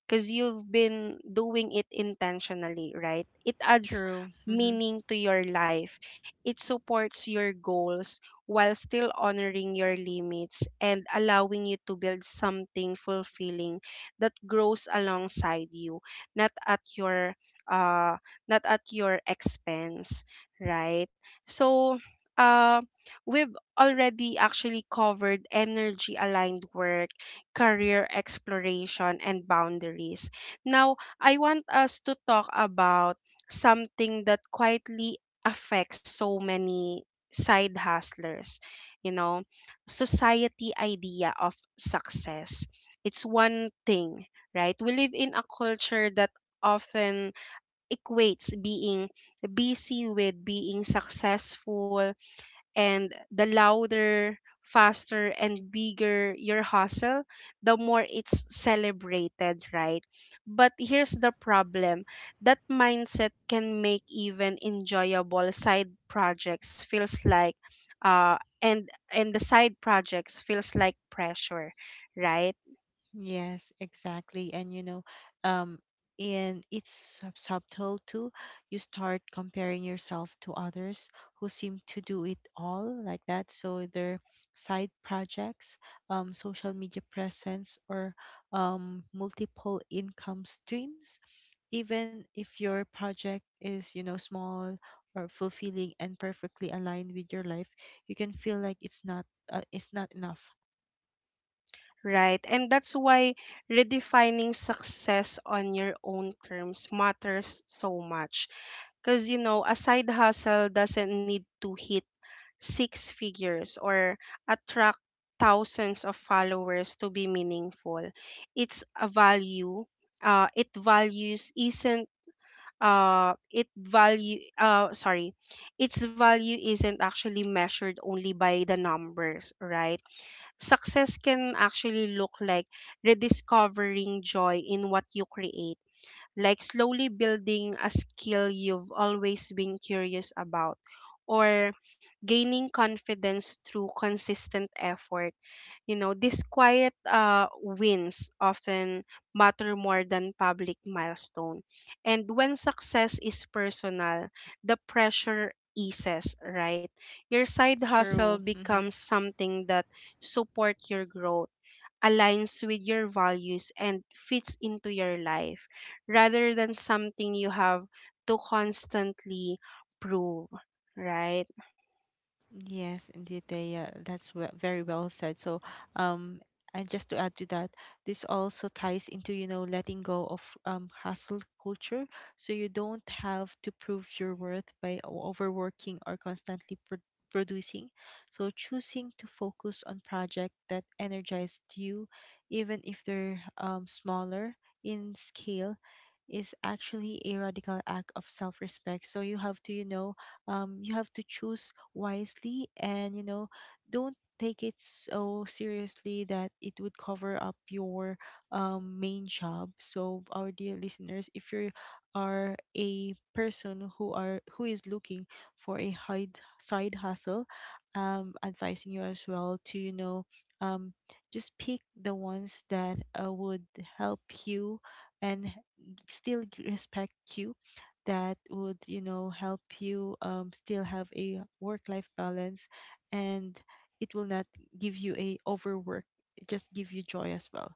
Speaker 1: because you've been doing it intentionally, right? It adds
Speaker 2: True. Hmm.
Speaker 1: meaning to your life, it supports your goals while still honoring your limits and allowing you to build something fulfilling that grows alongside you, not at your not at your expense, right? So uh we've already actually covered energy aligned work, career exploration, and boundaries. Now, I want us to talk about something that quietly affects so many side hustlers, you know, society idea of success. It's one thing, right? We live in a culture that often equates being busy with being successful, and the louder, faster, and bigger your hustle, the more it's celebrated, right? But here's the problem, that mindset can make even enjoyable side projects feels like and the side projects feels like pressure, right?
Speaker 2: Yes, exactly. And you know, um, and subtle too. You start comparing yourself to others who seem to do it all like that. So their side projects, social media presence, or multiple income streams. Even if your project is, small or fulfilling and perfectly aligned with your life, you can feel like it's not enough.
Speaker 1: Right. And that's why redefining success on your own terms matters so much. Because, you know, a side hustle doesn't need to hit six figures or attract thousands of followers to be meaningful. It's a value. It values isn't it value sorry, its value isn't actually measured only by the numbers, right? Success can actually look like rediscovering joy in what you create, like slowly building a skill you've always been curious about, or gaining confidence through consistent effort. You know, these quiet wins often matter more than public milestone. And when success is personal, the pressure eases, right? Your side hustle
Speaker 2: True.
Speaker 1: becomes something that support your growth, aligns with your values, and fits into your life, rather than something you have to constantly prove, right?
Speaker 2: Yes, indeed, very well said. So, um, and just to add to that, this also ties into, letting go of hustle culture. So you don't have to prove your worth by overworking or constantly producing. So choosing to focus on projects that energized you, even if they're smaller in scale is actually a radical act of self-respect. So you have to, you know, you have to choose wisely. And you know, don't take it so seriously that it would cover up your main job. So our dear listeners, if you are a person who is looking for a side hustle, advising you as well to, you know, um just pick the ones that would help you and still respect you, that would, you know, help you still have a work life balance, and it will not give you a overwork, it just give you joy as well.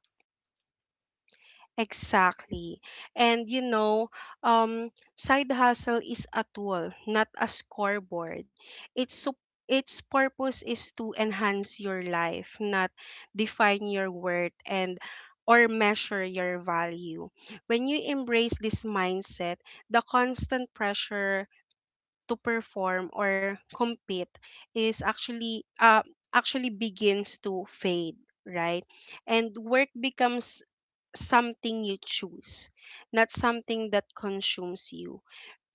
Speaker 1: Exactly. And you know, um, side hustle is a tool, not a scoreboard. It's sup- its purpose is to enhance your life, not define your worth and or measure your value. When you embrace this mindset, the constant pressure to perform or compete is actually begins to fade, right? And work becomes something you choose, not something that consumes you.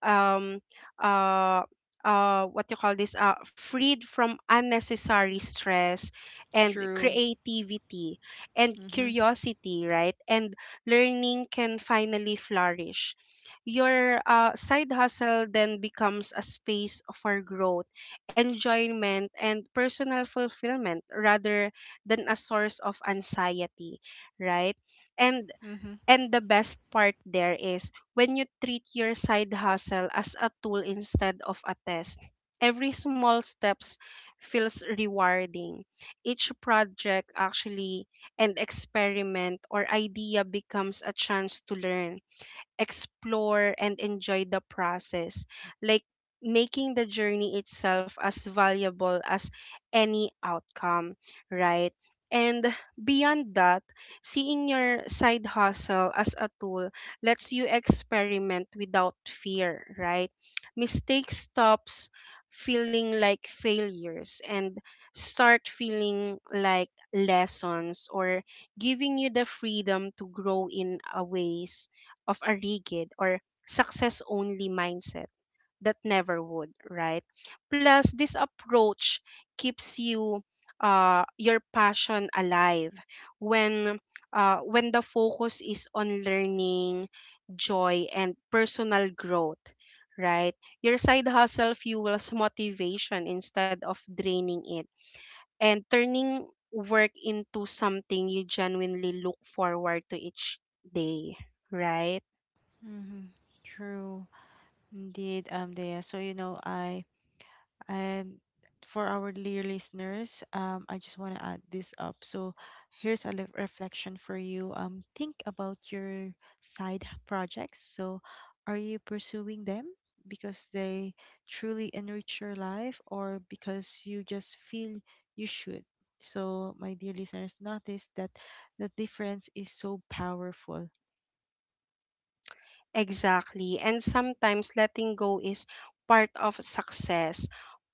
Speaker 1: Um, uh, what you call this? Freed from unnecessary stress, and
Speaker 2: True.
Speaker 1: creativity and
Speaker 2: Mhm.
Speaker 1: curiosity, right? And learning can finally flourish. Your side hustle then becomes a space for growth, enjoyment, and personal fulfillment rather than a source of anxiety, right? And
Speaker 2: Mhm.
Speaker 1: the best part there is when you treat your side hustle as a tool instead of a test. Every small steps feels rewarding. Each project actually and experiment or idea becomes a chance to learn, explore and enjoy the process, like making the journey itself as valuable as any outcome, right? And beyond that, seeing your side hustle as a tool lets you experiment without fear, right? Mistake stops feeling like failures and start feeling like lessons, or giving you the freedom to grow in a ways of a rigid or success only mindset that never would, right? Plus, this approach keeps you your passion alive when when the focus is on learning, joy, and personal growth, right? Your side hustle fuels motivation instead of draining it and turning work into something you genuinely look forward to each day, right?
Speaker 2: Mhm. True. Indeed, Dea. So you know, I And for our dear listeners, I just want to add this up. So here's a reflection for you. Think about your side projects. So are you pursuing them because they truly enrich your life, or because you just feel you should? So my dear listeners, notice that the difference is so powerful.
Speaker 1: Exactly. And sometimes letting go is part of success.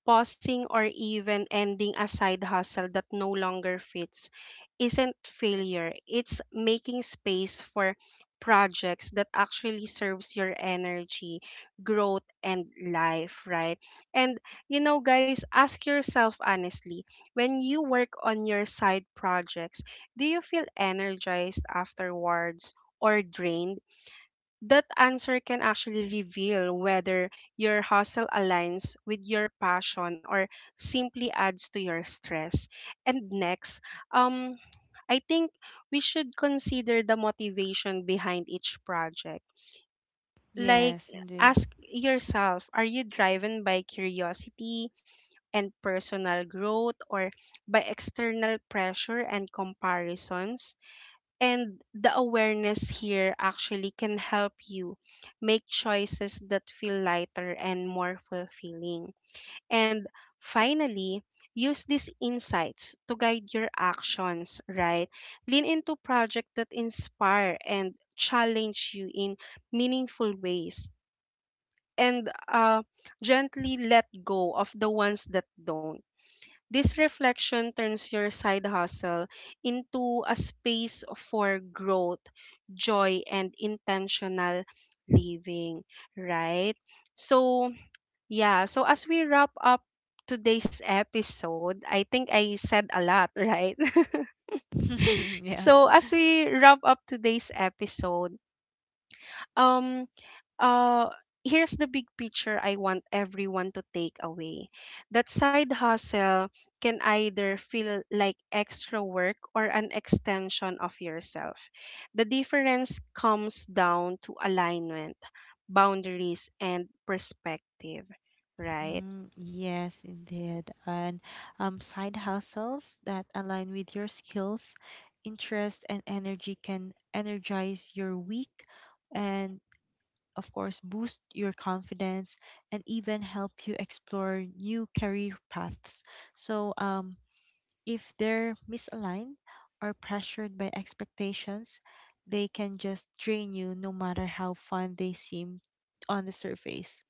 Speaker 1: Pausing or even ending a side hustle that no longer fits isn't failure. It's making space for projects that actually serves your energy, growth and life, right? And you know guys, ask yourself honestly, when you work on your side projects, do you feel energized afterwards or drained? That answer can actually reveal whether your hustle aligns with your passion or simply adds to your stress. And next, um, I think we should consider the motivation behind each project. Like,
Speaker 2: Yes, indeed.
Speaker 1: ask yourself, are you driven by curiosity and personal growth or by external pressure and comparisons? And the awareness here actually can help you make choices that feel lighter and more fulfilling. And finally, use these insights to guide your actions, right? Lean into projects that inspire and challenge you in meaningful ways. And gently let go of the ones that don't. This reflection turns your side hustle into a space for growth, joy, and intentional living, right? So, yeah, so as we wrap up today's episode, I think I said a lot, right?
Speaker 2: Yeah.
Speaker 1: So, as we wrap up today's episode, um uh here's the big picture I want everyone to take away. That side hustle can either feel like extra work or an extension of yourself. The difference comes down to alignment, boundaries and perspective, right?
Speaker 2: Mm, yes, indeed. And side hustles that align with your skills, interest, and energy can energize your week and, of course, boost your confidence and even help you explore new career paths. So, if they're misaligned or pressured by expectations, they can just drain you no matter how fun they seem on the surface.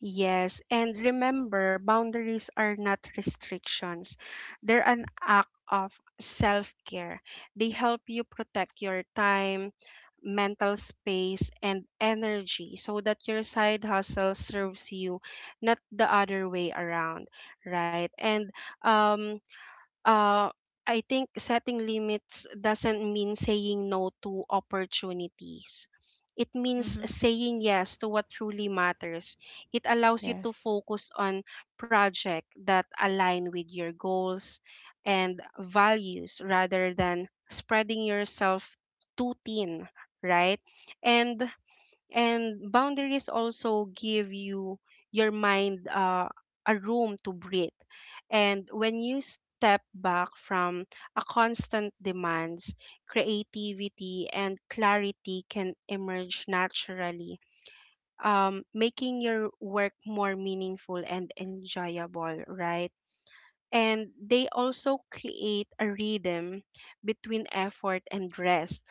Speaker 1: Yes, and remember, boundaries are not restrictions. They're an act of self care. They help you protect your time, mental space, and energy so that your side hustle serves you, not the other way around, right? And um, uh, I think setting limits doesn't mean saying no to opportunities. It means
Speaker 2: Mm-hmm.
Speaker 1: saying yes to what truly matters. It allows you to
Speaker 2: Yes.
Speaker 1: focus on projects that align with your goals and values rather than spreading yourself too thin, right? And boundaries also give you your mind a room to breathe. And when you step back from a constant demands, creativity and clarity can emerge naturally, making your work more meaningful and enjoyable, right? And they also create a rhythm between effort and rest,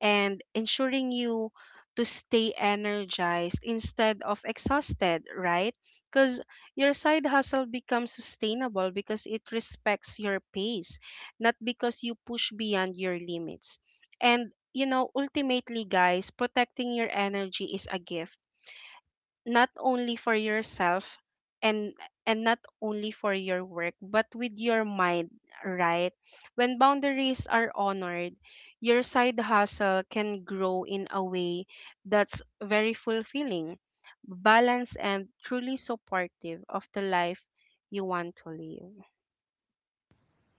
Speaker 1: and ensuring you to stay energized instead of exhausted, right? Because your side hustle becomes sustainable because it respects your pace, not because you push beyond your limits. And you know ultimately guys, protecting your energy is a gift, not only for yourself, and not only for your work but with your mind, right? When boundaries are honored, your side hustle can grow in a way that's very fulfilling, balanced and truly supportive of the life you want to live.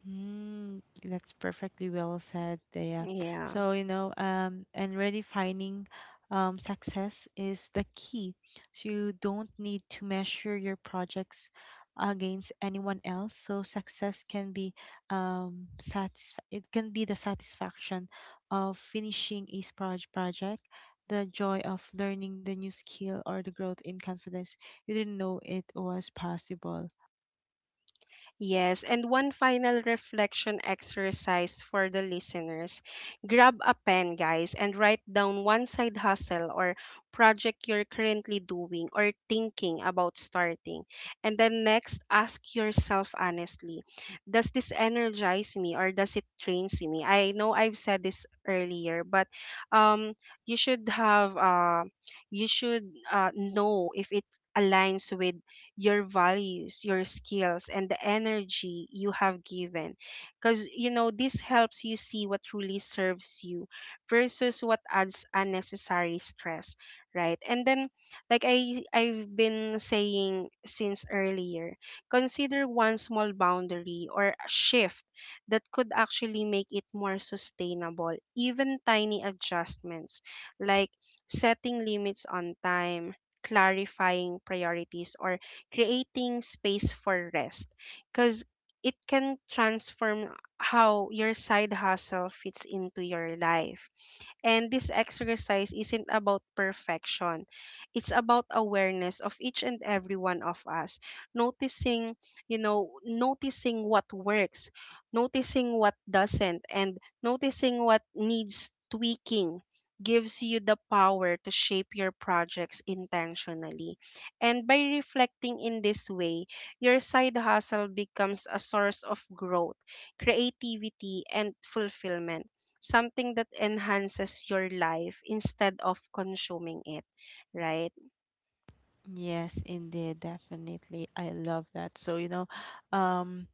Speaker 2: Mm, that's perfectly well said, Dea.
Speaker 1: Yeah.
Speaker 2: So, you know, and redefining success is the key. So you don't need to measure your projects against anyone else. So success can be satisf it can be the satisfaction of finishing a project, the joy of learning the new skill, or the growth in confidence you didn't know it was possible.
Speaker 1: Yes, and one final reflection exercise for the listeners. Grab a pen, guys, and write down one side hustle or project you're currently doing or thinking about starting. And then next, ask yourself honestly, does this energize me or does it drain me? I know I've said this earlier, but um, you should have you should know if it aligns with your values, your skills, and the energy you have given. Because, you know, this helps you see what truly serves you versus what adds unnecessary stress, right? And then, like I've been saying since earlier, consider one small boundary or a shift that could actually make it more sustainable. Even tiny adjustments like setting limits on time, clarifying priorities, or creating space for rest, because it can transform how your side hustle fits into your life. And this exercise isn't about perfection, it's about awareness of each and every one of us. Noticing, you know, noticing what works, noticing what doesn't, and noticing what needs tweaking gives you the power to shape your projects intentionally. And by reflecting in this way, your side hustle becomes a source of growth, creativity, and fulfillment, something that enhances your life instead of consuming it, right?
Speaker 2: Yes, indeed, definitely. I love that. So, you know, um,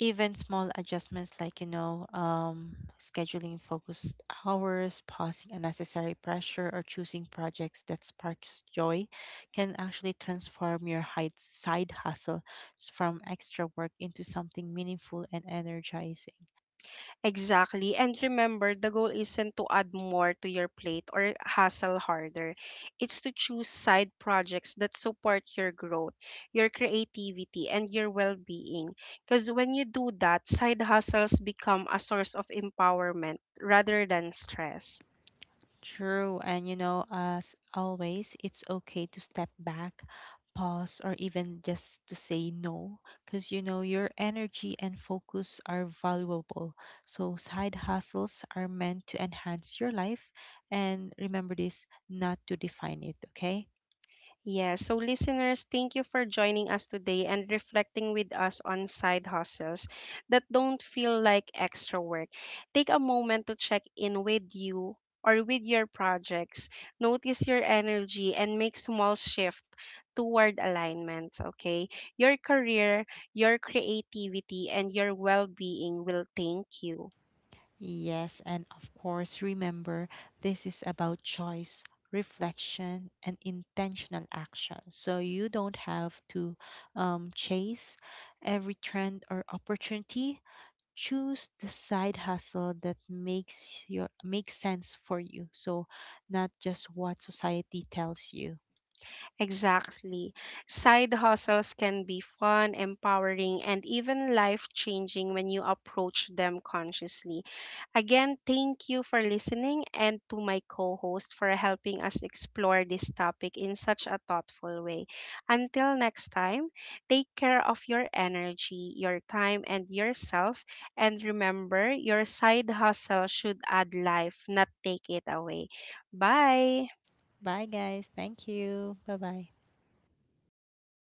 Speaker 2: even small adjustments like, you know, scheduling focused hours, pausing unnecessary pressure, or choosing projects that sparks joy can actually transform your side hustle from extra work into something meaningful and energizing.
Speaker 1: Exactly. And remember, the goal isn't to add more to your plate or hustle harder. It's to choose side projects that support your growth, your creativity, and your well being. Because when you do that, side hustles become a source of empowerment rather than stress.
Speaker 2: True, and you know, as always, it's okay to step back, pause, or even just to say no, because you know your energy and focus are valuable. So, side hustles are meant to enhance your life, and remember this, not to define it, okay?
Speaker 1: Yes. So, listeners, thank you for joining us today and reflecting with us on side hustles that don't feel like extra work. Take a moment to check in with you or with your projects. Notice your energy and make small shift toward alignment, okay? Your career, your creativity, and your well-being will thank you.
Speaker 2: Yes, and of course, remember this is about choice, reflection, and intentional action. So you don't have to chase every trend or opportunity. Choose the side hustle that makes sense for you. So not just what society tells you.
Speaker 1: Exactly. Side hustles can be fun, empowering, and even life changing when you approach them consciously. Again, thank you for listening and to my co host for helping us explore this topic in such a thoughtful way. Until next time, take care of your energy, your time, and yourself. And remember, your side hustle should add life, not take it away. Bye.
Speaker 2: Bye guys. Thank you. Bye bye.